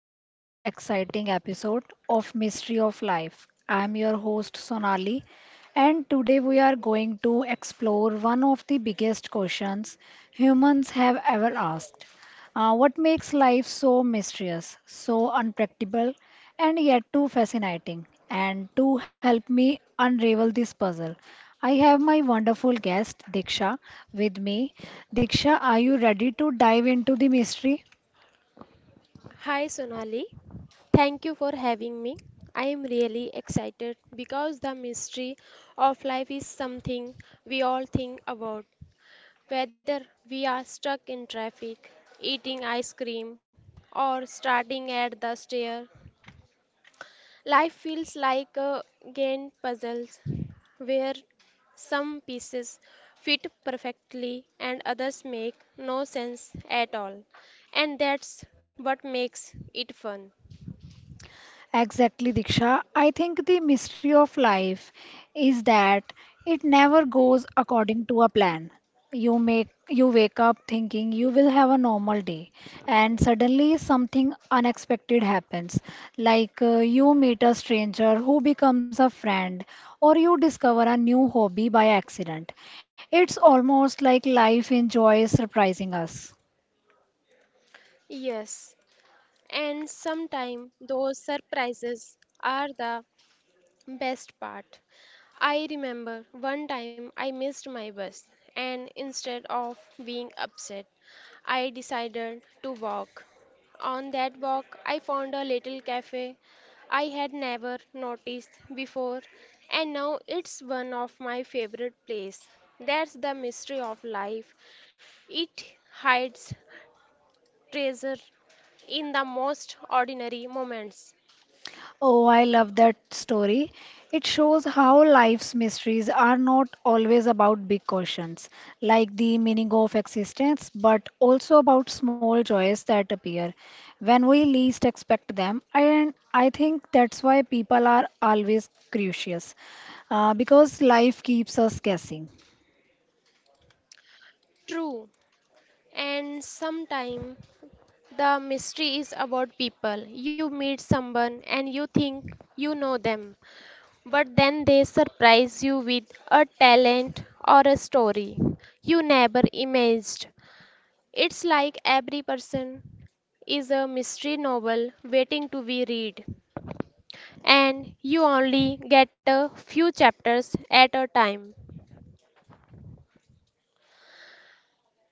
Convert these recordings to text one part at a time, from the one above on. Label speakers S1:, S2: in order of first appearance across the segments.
S1: to another exciting episode of Mystery of Life. I am your host Sonali, and today we are going to explore one of the biggest questions humans have ever asked. What makes life so mysterious, so unpredictable, and yet too fascinating? And to help me unravel this puzzle, I have my wonderful guest Diksha with me. Diksha, are you ready to dive into the mystery?
S2: Hi Sonali, thank you for having me. I am really excited because the mystery of life is something we all think about. Whether we are stuck in traffic, eating ice cream, or starting at the stair, life feels like a game puzzles where some pieces fit perfectly and others make no sense at all. And that's what makes it fun.
S1: Exactly, Diksha. I think the mystery of life is that it never goes according to a plan. You make you wake up thinking you will have a normal day, and suddenly something unexpected happens. Like you meet a stranger who becomes a friend, or you discover a new hobby by accident. It's almost like life enjoys surprising us.
S2: Yes, and sometimes those surprises are the best part. I remember one time I missed my bus, and instead of being upset, I decided to walk. On that walk, I found a little cafe I had never noticed before, and now it's one of my favorite places. That's the mystery of life. It hides treasure in the most ordinary moments.
S1: Oh, I love that story. It shows how life's mysteries are not always about big questions, like the meaning of existence, but also about small joys that appear when we least expect them. And I think that's why people are always curious, because life keeps us guessing.
S2: True, and sometimes the mystery is about people. You meet someone and you think you know them, but then they surprise you with a talent or a story you never imagined. It's like every person is a mystery novel waiting to be read, and you only get a few chapters at a time.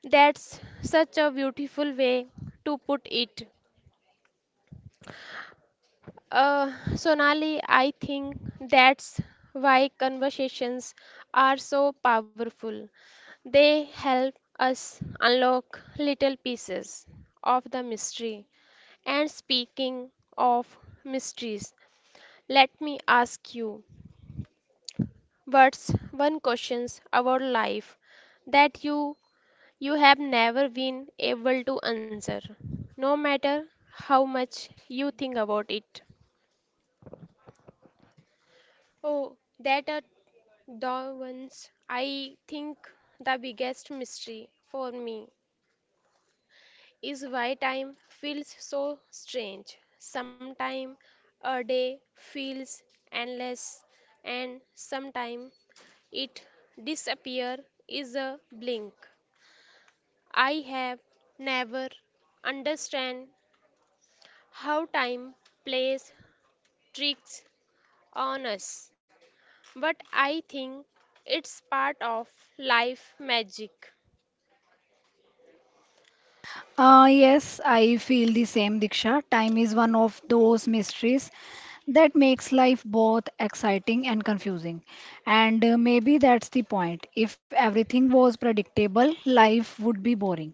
S2: That's such a beautiful way to put it. Sonali, I think that's why conversations are so powerful. They help us unlock little pieces of the mystery. And speaking of mysteries, let me ask you, what's one questions about life that you have never been able to answer, no matter how much you think about it? Oh, that a Darwin's, I think the biggest mystery for me is why time feels so strange. Sometime a day feels endless, and sometime it disappear is a blink. I have never understand how time plays tricks on us, but I think it's part of life magic.
S1: Yes, I feel the same, Diksha. Time is one of those mysteries that makes life both exciting and confusing. And maybe that's the point. If everything was predictable, life would be boring.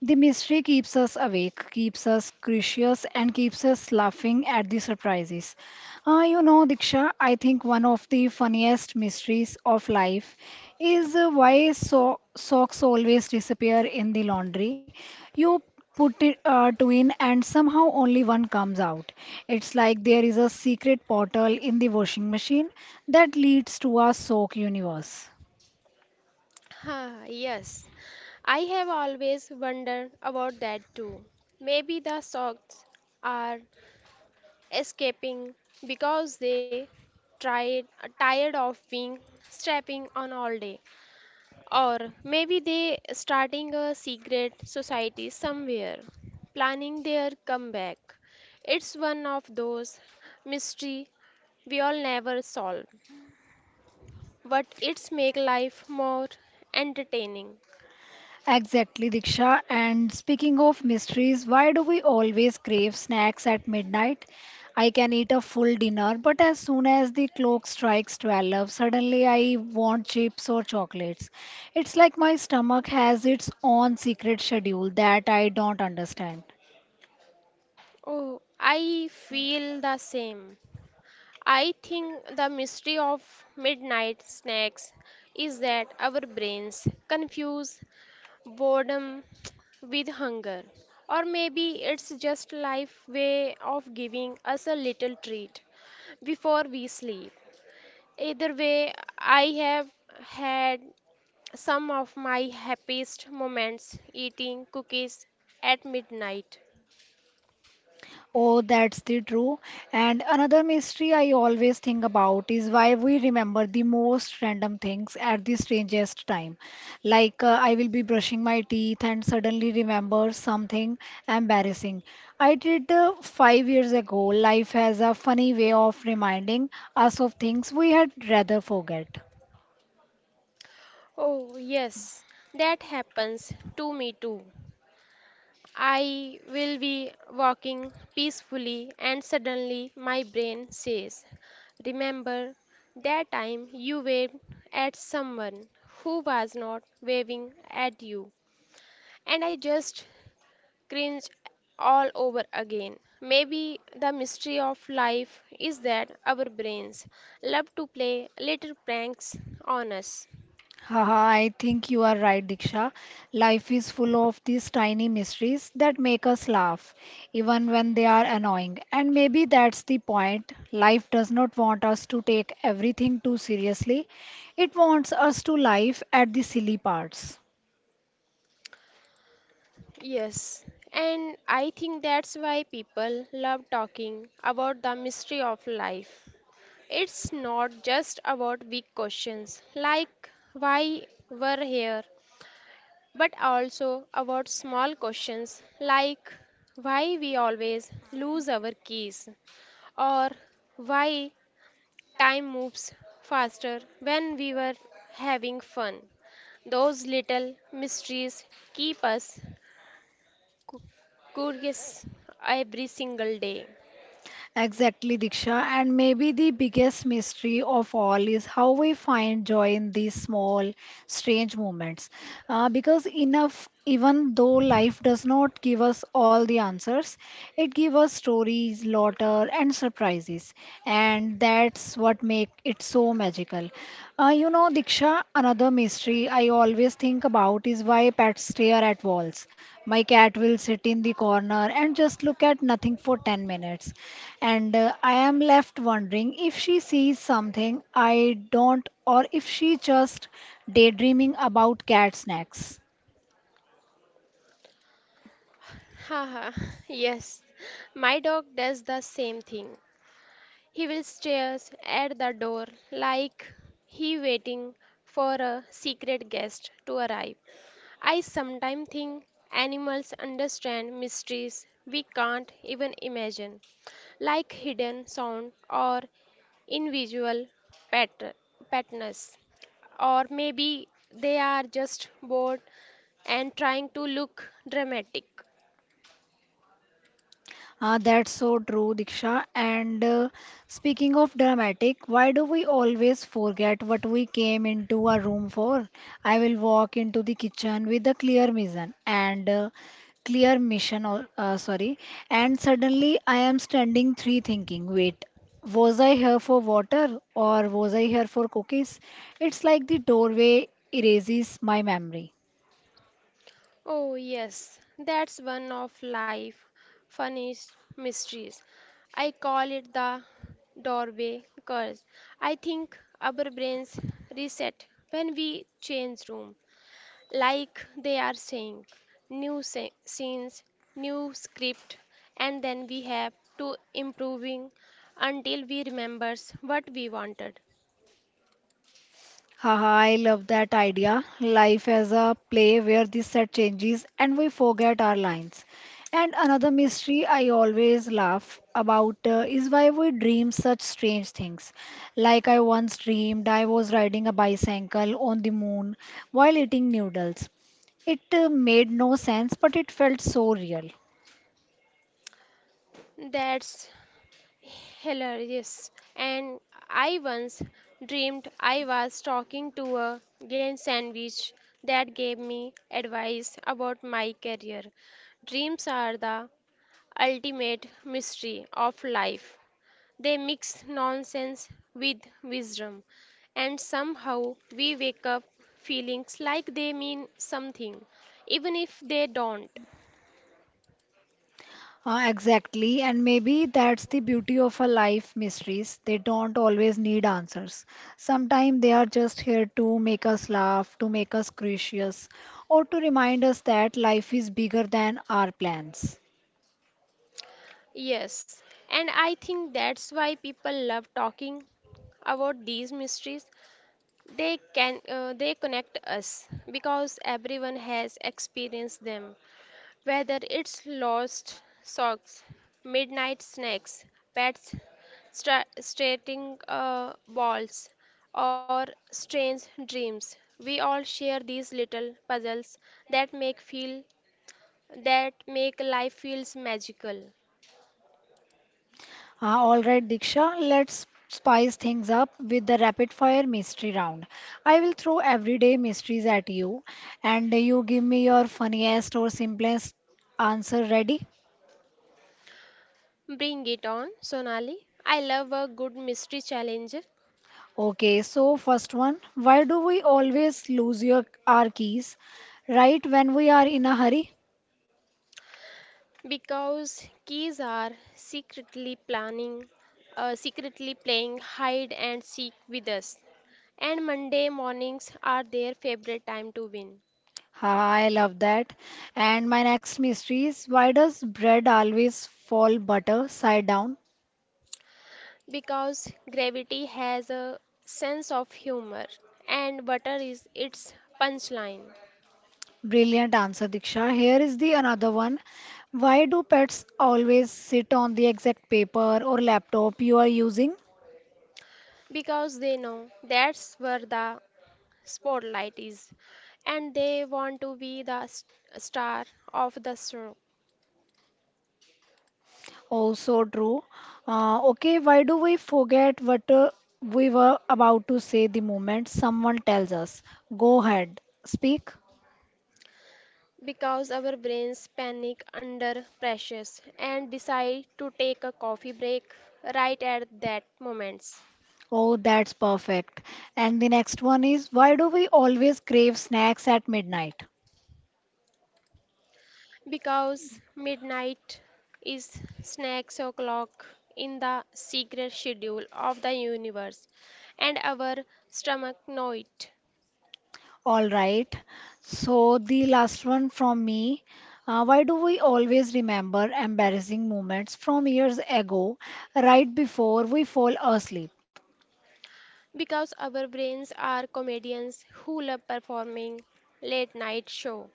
S1: The mystery keeps us awake, keeps us curious, and keeps us laughing at the surprises. You know, Diksha, I think one of the funniest mysteries of life is why so socks always disappear in the laundry you put it to in, and somehow only one comes out. It's like there is a secret portal in the washing machine that leads to our soak universe.
S2: Ah, yes, I have always wondered about that too. Maybe the socks are escaping because they tried tired of being strapping on all day, or maybe they starting a secret society somewhere, planning their comeback. It's one of those mystery we all never solve, but it's make life more entertaining.
S1: Exactly, Diksha. And speaking of mysteries, why do we always crave snacks at midnight? I can eat a full dinner, but as soon as the clock strikes 12, suddenly I want chips or chocolates. It's like my stomach has its own secret schedule that I don't understand.
S2: Oh, I feel the same. I think the mystery of midnight snacks is that our brains confuse boredom with hunger. Or maybe it's just life way of giving us a little treat before we sleep. Either way, I have had some of my happiest moments eating cookies at midnight.
S1: Oh, that's the true. And another mystery I always think about is why we remember the most random things at the strangest time. Like I will be brushing my teeth and suddenly remember something embarrassing. I did 5 years ago. Life has a funny way of reminding us of things we had rather forget.
S2: Oh, yes, that happens to me too. I will be walking peacefully, and suddenly my brain says, remember that time you waved at someone who was not waving at you. And I just cringe all over again. Maybe the mystery of life is that our brains love to play little pranks on us.
S1: Haha, I think you are right, Diksha. Life is full of these tiny mysteries that make us laugh, even when they are annoying. And maybe that's the point. Life does not want us to take everything too seriously, it wants us to laugh at the silly parts.
S2: Yes, and I think that's why people love talking about the mystery of life. It's not just about big questions like why we're here, but also about small questions like why we always lose our keys or why time moves faster when we were having fun. Those little mysteries keep us Cu- curious every single day.
S1: Exactly, Diksha. And maybe the biggest mystery of all is how we find joy in these small, strange moments. Because enough, even though life does not give us all the answers, it gives us stories, laughter, and surprises. And that's what makes it so magical. You know, Diksha, another mystery I always think about is why pets stare at walls. My cat will sit in the corner and just look at nothing for 10 minutes and I am left wondering if she sees something I don't or if she just daydreaming about cat snacks.
S2: Haha, yes, my dog does the same thing. He will stare at the door like he waiting for a secret guest to arrive. I sometimes think animals understand mysteries we can't even imagine, like hidden sound or invisible pat- patterns. Or maybe they are just bored and trying to look dramatic.
S1: That's so true, Diksha. And speaking of dramatic, why do we always forget what we came into a room for? I will walk into the kitchen with a clear mission and clear mission, or sorry, and suddenly I am standing three thinking, wait, was I here for water or was I here for cookies? It's like the doorway erases my memory.
S2: Oh, yes, that's one of life's funniest mysteries. I call it the doorway curse. I think our brains reset when we change room, like they are saying new scenes, new script, and then we have to improving until we remembers what we wanted.
S1: Haha, I love that idea. Life as a play where the set changes and we forget our lines. And another mystery I always laugh about is why we dream such strange things. Like I once dreamed I was riding a bicycle on the moon while eating noodles. It made no sense, but it felt so real.
S2: That's hilarious. And I once dreamed I was talking to a game sandwich that gave me advice about my career. Dreams are the ultimate mystery of life. They mix nonsense with wisdom, and somehow we wake up feelings like they mean something, even if they don't.
S1: Exactly, and maybe that's the beauty of a life mysteries. They don't always need answers. Sometimes they are just here to make us laugh, to make us curious, or to remind us that life is bigger than our plans.
S2: Yes, and I think that's why people love talking about these mysteries they can they connect us, because everyone has experienced them, whether it's lost socks, midnight snacks, pets stating balls, or strange dreams. We all share these little puzzles that make life feels magical.
S1: All right, Diksha, let's spice things up with the rapid fire mystery round. I will throw everyday mysteries at you, and you give me your funniest or simplest answer. Ready?
S2: Bring it on, Sonali, I love a good mystery challenge.
S1: Okay, so first one, why do we always lose your our keys right when we are in a hurry?
S2: Because keys are secretly planning, secretly playing hide and seek with us. And Monday mornings are their favorite time to win.
S1: Ha, I love that. And my next mystery is why does bread always fall butter side down?
S2: Because gravity has a sense of humor and butter is its punchline.
S1: Brilliant answer, Diksha. Here is the another one. Why do pets always sit on the exact paper or laptop you are using?
S2: Because they know that's where the spotlight is and they want to be the star of the show.
S1: Also true. Okay, why do we forget what we were about to say the moment someone tells us, go ahead, speak?
S2: Because our brains panic under pressures and decide to take a coffee break right at that moment.
S1: Oh, that's perfect. And the next one is, why do we always crave snacks at midnight?
S2: Because midnight is snacks o'clock in the secret schedule of the universe and our stomach know it.
S1: All right. So the last one from me. Why do we always remember embarrassing moments from years ago, right before we fall asleep?
S2: Because our brains are comedians who love performing late night show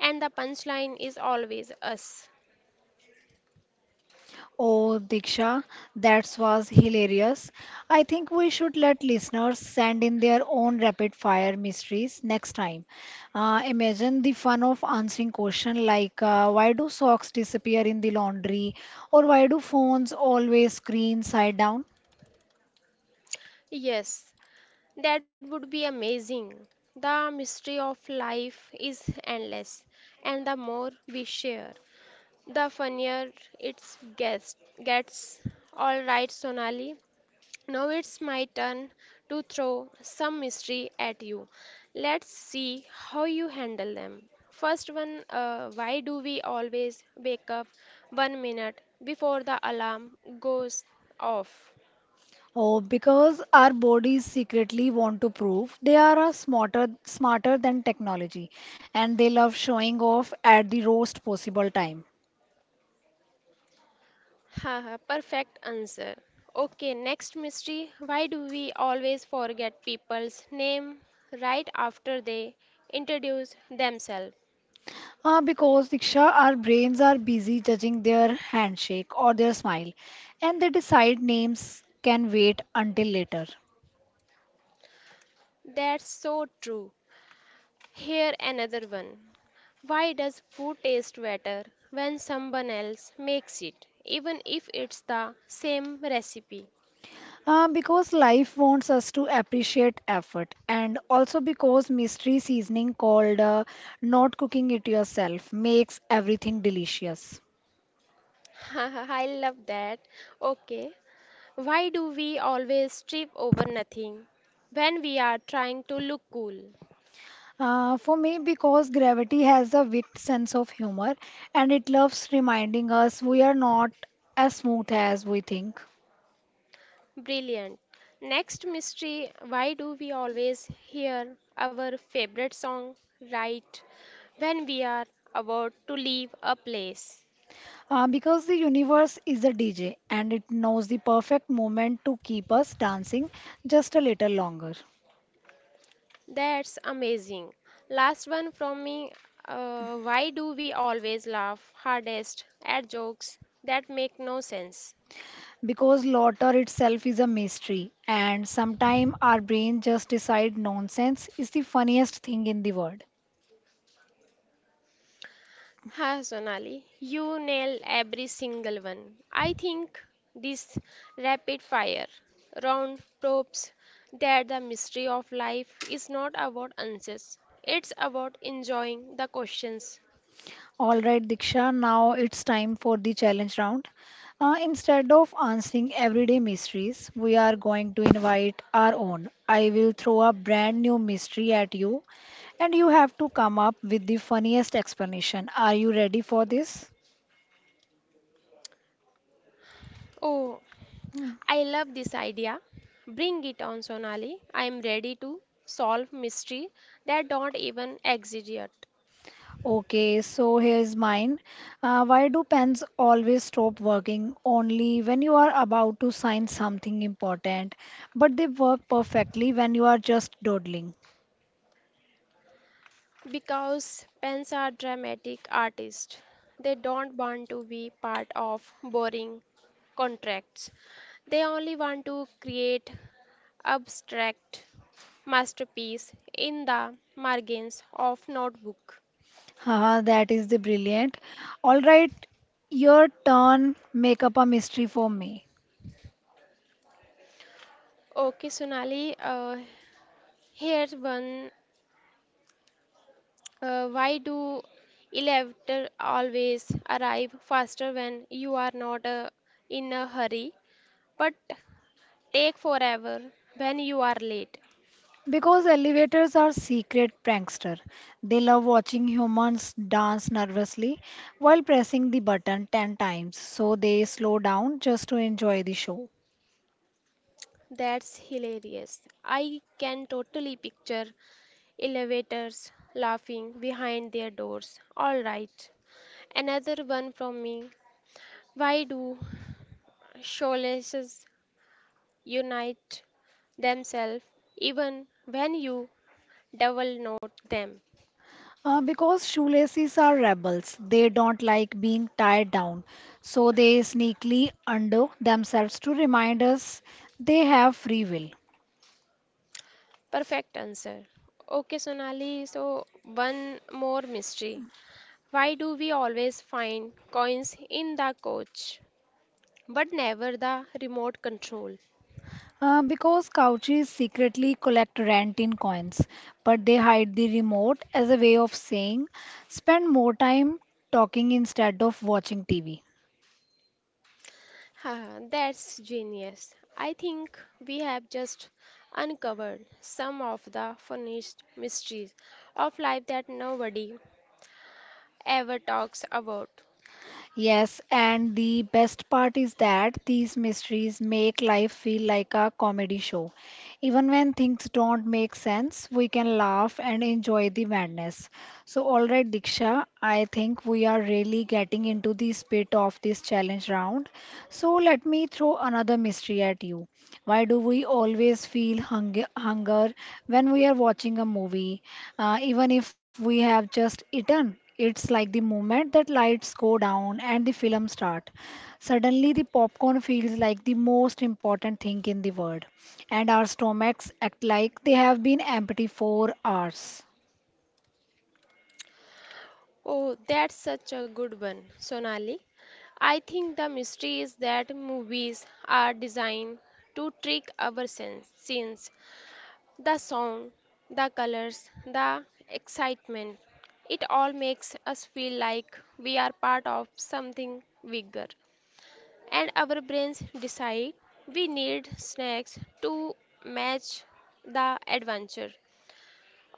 S2: and the punchline is always us.
S1: Oh, Diksha, that was hilarious. I think we should let listeners send in their own rapid fire mysteries next time. Imagine the fun of answering questions like why do socks disappear in the laundry or why do phones always screen side down?
S2: Yes, that would be amazing. The mystery of life is endless, and the more we share, the funnier it gets. gets. All right, Sonali. Now it's my turn to throw some mystery at you. Let's see how you handle them. First one, why do we always wake up 1 minute before the alarm goes off?
S1: Oh, because our bodies secretly want to prove they are smarter than technology and they love showing off at the worst possible time.
S2: Haha, perfect answer. Okay, next mystery. Why do we always forget people's name right after they introduce themselves?
S1: Because Diksha, our brains are busy judging their handshake or their smile, and they decide names can wait until later.
S2: That's so true. Here another one. Why does food taste better when someone else makes it, even if it's the same recipe?
S1: Because life wants us to appreciate effort, and also because mystery seasoning called not cooking it yourself makes everything delicious.
S2: I love that. Okay, why do we always trip over nothing when we are trying to look cool?
S1: For me, because gravity has a wicked sense of humor and it loves reminding us we are not as smooth as we think.
S2: Brilliant. Next mystery, why do we always hear our favorite song right when we are about to leave a place?
S1: Because the universe is a DJ and it knows the perfect moment to keep us dancing just a little longer.
S2: That's amazing. Last one from me, why do we always laugh hardest at jokes that make no sense?
S1: Because laughter itself is a mystery, and sometimes our brain just decide nonsense is the funniest thing in the world.
S2: Ha, Sonali, you nail every single one. I think this rapid fire round probes that the mystery of life is not about answers. It's about enjoying the questions.
S1: All right, Diksha, now it's time for the challenge round. Instead of answering everyday mysteries, we are going to invite our own. I will throw a brand new mystery at you, and you have to come up with the funniest explanation. Are you ready for this?
S2: Oh, I love this idea. Bring it on, Sonali. I am ready to solve mystery that don't even exist yet.
S1: Okay, so here's mine. Why do pens always stop working only when you are about to sign something important, but they work perfectly when you are just dawdling?
S2: Because pens are dramatic artists. They don't want to be part of boring contracts. They only want to create abstract masterpiece in the margins of notebook.
S1: Haha, that is the brilliant. All right, your turn. Make up a mystery for me.
S2: Okay, Sonali, here's one. Why do elevator always arrive faster when you are not in a hurry, but take forever when you are late?
S1: Because elevators are secret prankster. They love watching humans dance nervously while pressing the button 10 times, so they slow down just to enjoy the show.
S2: That's hilarious. I can totally picture elevators laughing behind their doors. All right. Another one from me. Why do shoelaces unite themselves even when you double knot them?
S1: Because shoelaces are rebels, they don't like being tied down, so they sneakily undo themselves to remind us they have free will.
S2: Perfect answer. Okay, Sonali, so one more mystery. Why do we always find coins in the coach but never the remote control?
S1: Because couches secretly collect rent in coins, but they hide the remote as a way of saying, spend more time talking instead of watching TV.
S2: Ha, that's genius. I think we have just uncovered some of the funniest mysteries of life that nobody ever talks about.
S1: Yes, and the best part is that these mysteries make life feel like a comedy show. Even when things don't make sense, we can laugh and enjoy the madness. So, all right, Diksha, I think we are really getting into the spirit of this challenge round. So, let me throw another mystery at you. Why do we always feel hung hunger when we are watching a movie? Even if we have just eaten, it's like the moment that lights go down and the film start. Suddenly, the popcorn feels like the most important thing in the world, and our stomachs act like they have been empty for hours.
S2: Oh, that's such a good one, Sonali. I think the mystery is that movies are designed to trick our sense. The sound, the colors, the excitement. It all makes us feel like we are part of something bigger, and our brains decide we need snacks to match the adventure.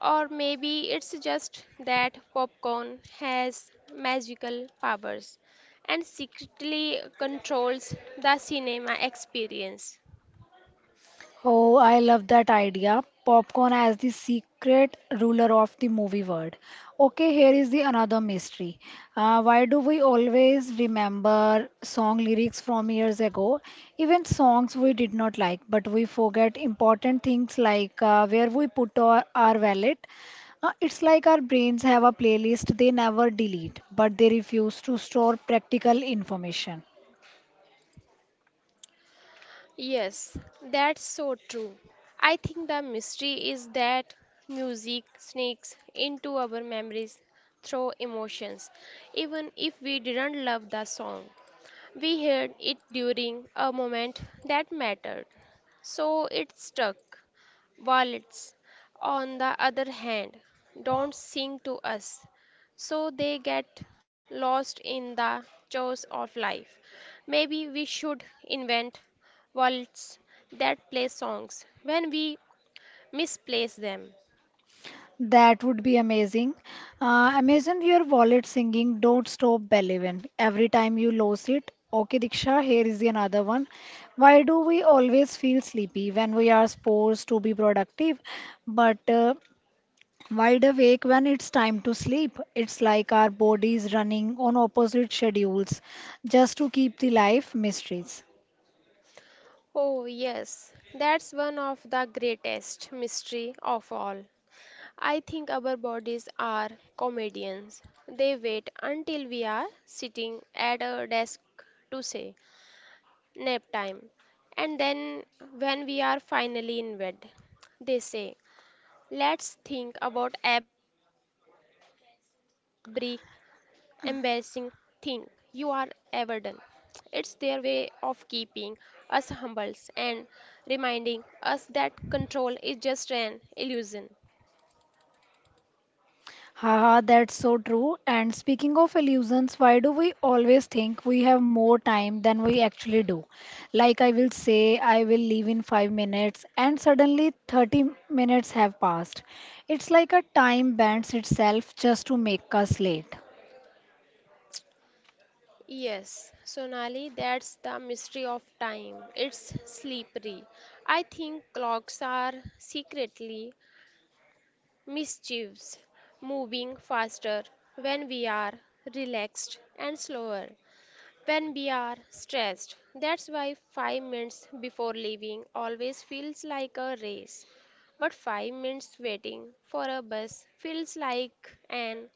S2: Or maybe it's just that popcorn has magical powers and secretly controls the cinema experience.
S1: Oh, I love that idea. Popcorn as the secret ruler of the movie world. Okay, here is the another mystery. Why do we always remember song lyrics from years ago, even songs we did not like, but we forget important things like where we put our wallet? It's like our brains have a playlist they never delete, but they refuse to store practical information.
S2: Yes, that's so true. I think the mystery is that music sneaks into our memories through emotions, even if we didn't love the song. We heard it during a moment that mattered, so it stuck. Wallets, on the other hand, don't sing to us, so they get lost in the chores of life. Maybe we should invent wallets that play songs when we misplace them.
S1: That would be amazing. Imagine your wallet singing Don't Stop believing. Every time you lose it. Okay, Diksha, here is the another one. Why do we always feel sleepy when we are supposed to be productive, but wide awake when it's time to sleep? It's like our bodies running on opposite schedules just to keep the life mysteries.
S2: Oh, yes, that's one of the greatest mystery of all. I think our bodies are comedians. They wait until we are sitting at a desk to say nap time. And then when we are finally in bed, they say, let's think about every embarrassing thing you are ever done. It's their way of keeping us humble and reminding us that control is just an illusion.
S1: Haha, that's so true. And speaking of illusions, why do we always think we have more time than we actually do? Like, I will say, I will leave in 5 minutes, and suddenly 30 minutes have passed. It's like a time bends itself just to make us late.
S2: Yes, Sonali, that's the mystery of time. It's slippery. I think clocks are secretly mischievous, moving faster when we are relaxed and slower when we are stressed. That's why 5 minutes before leaving always feels like a race, but 5 minutes waiting for a bus feels like an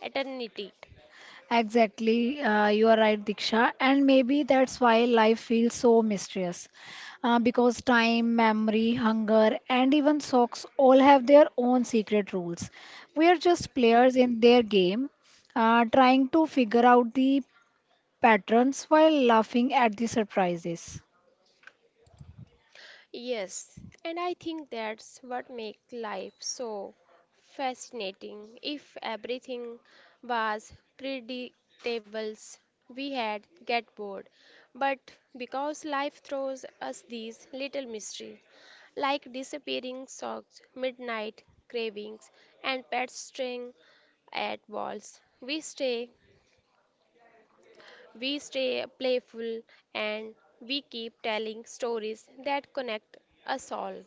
S2: eternity.
S1: Exactly, you are right, Diksha. And maybe that's why life feels so mysterious. Because time, memory, hunger, and even socks all have their own secret rules. We are just players in their game, trying to figure out the patterns while laughing at the surprises.
S2: Yes, and I think that's what makes life so fascinating. If everything was predictable, we had get bored. But because life throws us these little mysteries, like disappearing socks, midnight cravings, and pets straying at walls, we stay playful, and we keep telling stories that connect us all.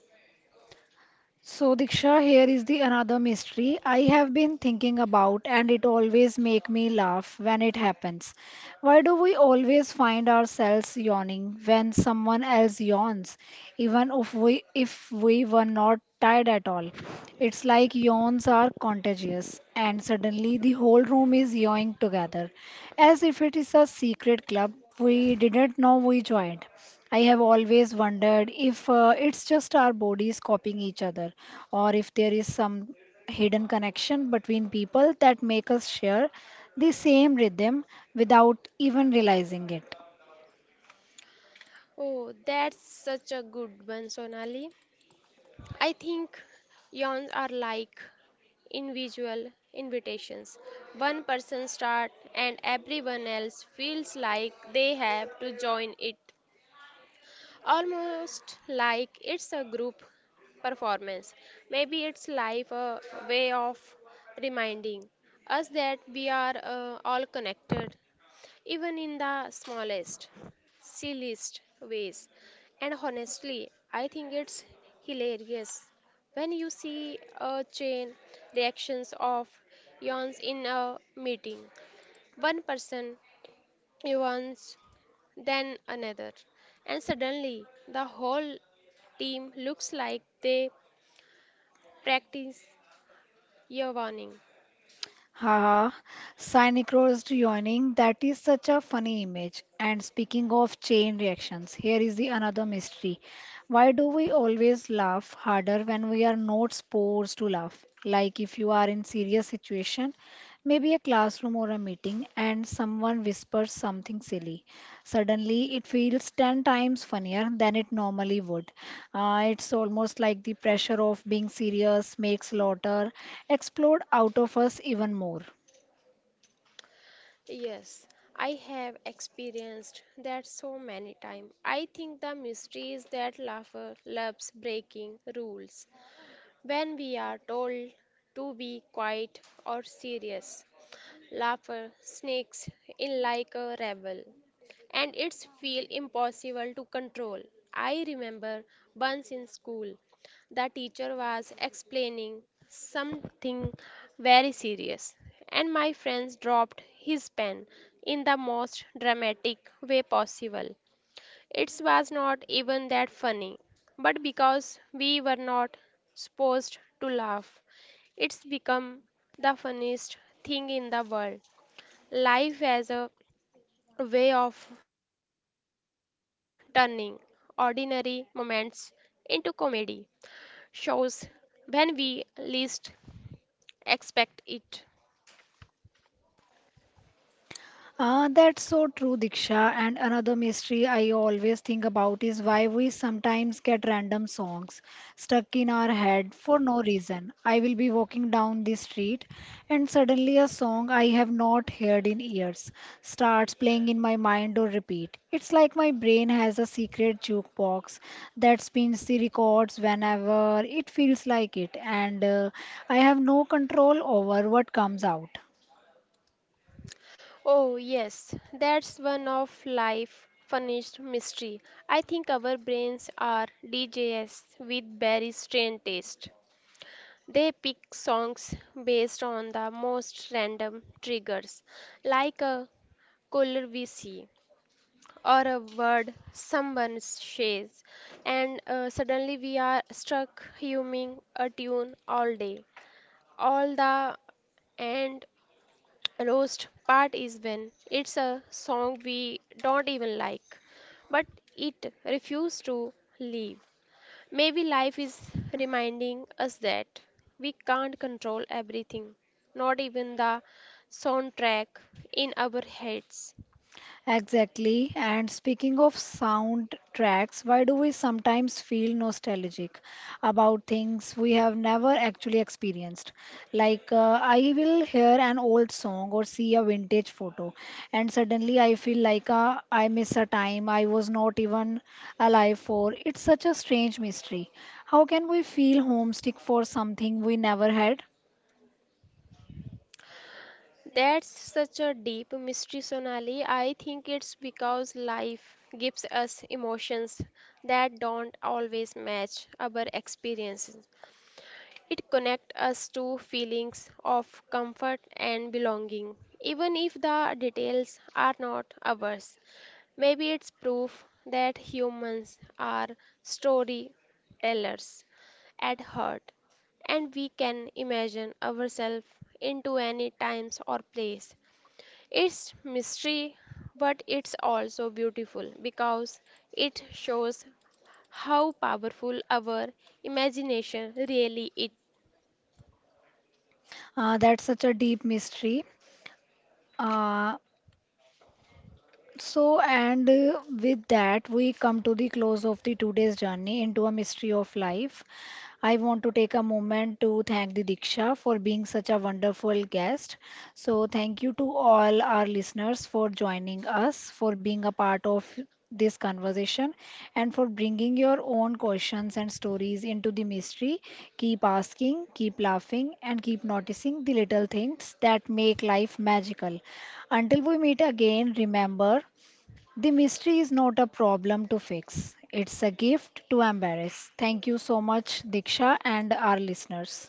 S1: So, Diksha, here is the another mystery I have been thinking about, and it always make me laugh when it happens. Why do we always find ourselves yawning when someone else yawns, even if we were not tired at all? It's like yawns are contagious, and suddenly the whole room is yawning together, as if it is a secret club we didn't know we joined. I have always wondered if it's just our bodies copying each other, or if there is some hidden connection between people that make us share the same rhythm without even realizing it.
S2: Oh, that's such a good one, Sonali. I think yawns are like individual invitations. One person starts and everyone else feels like they have to join it. Almost like it's a group performance. Maybe it's life a way of reminding us that we are all connected even in the smallest, silliest ways. And honestly, I think it's hilarious when you see a chain reactions of yawns in a meeting. One person yawns, then another, and suddenly the whole team looks like they practice yawning.
S1: Haha, synchronized yawning, that is such a funny image. And speaking of chain reactions, here is the another mystery. Why do we always laugh harder when we are not supposed to laugh? Like if you are in serious situation Maybe a classroom or a meeting, and someone whispers something silly. Suddenly, it feels 10 times funnier than it normally would. It's almost like the pressure of being serious makes laughter explode out of us even more.
S2: Yes, I have experienced that so many times. I think the mystery is that laughter loves breaking rules. When we are told to be quiet or serious, laughter sneaks in like a rebel and it's feel impossible to control. I remember once in school, the teacher was explaining something very serious, and my friend dropped his pen in the most dramatic way possible. It was not even that funny, but because we were not supposed to laugh, it's become the funniest thing in the world. Life as a way of turning ordinary moments into comedy shows when we least expect it.
S1: Ah, that's so true, Diksha. And another mystery I always think about is why we sometimes get random songs stuck in our head for no reason. I will be walking down the street and suddenly a song I have not heard in years starts playing in my mind or repeat. It's like my brain has a secret jukebox that spins the records whenever it feels like it, and I have no control over what comes out.
S2: Oh, yes, that's one of life funniest mystery. I think our brains are DJs with very strange taste. They pick songs based on the most random triggers, like a color we see, or a word someone shares, and suddenly we are stuck humming a tune all day. All the and roast part is when it's a song we don't even like, but it refuses to leave. Maybe life is reminding us that we can't control everything, not even the soundtrack in our heads.
S1: Exactly. And speaking of soundtracks, why do we sometimes feel nostalgic about things we have never actually experienced? Like, I will hear an old song or see a vintage photo, and suddenly I feel like I miss a time I was not even alive for. It's such a strange mystery. How can we feel homesick for something we never had?
S2: That's such a deep mystery, Sonali. I think it's because life gives us emotions that don't always match our experiences. It connects us to feelings of comfort and belonging, even if the details are not ours. Maybe it's proof that humans are storytellers at heart, and we can imagine ourselves into any times or place. It's mystery, but it's also beautiful because it shows how powerful our imagination really is.
S1: That's such a deep mystery. Uh, So, and with that, we come to the close of the today's journey into a mystery of life. I want to take a moment to thank the Diksha for being such a wonderful guest. So, thank you to all our listeners for joining us, for being a part of this conversation, and for bringing your own questions and stories into the mystery. Keep asking, keep laughing, and keep noticing the little things that make life magical. Until we meet again, remember. The mystery is not a problem to fix, it's a gift to embrace. Thank you so much, Diksha, and our listeners.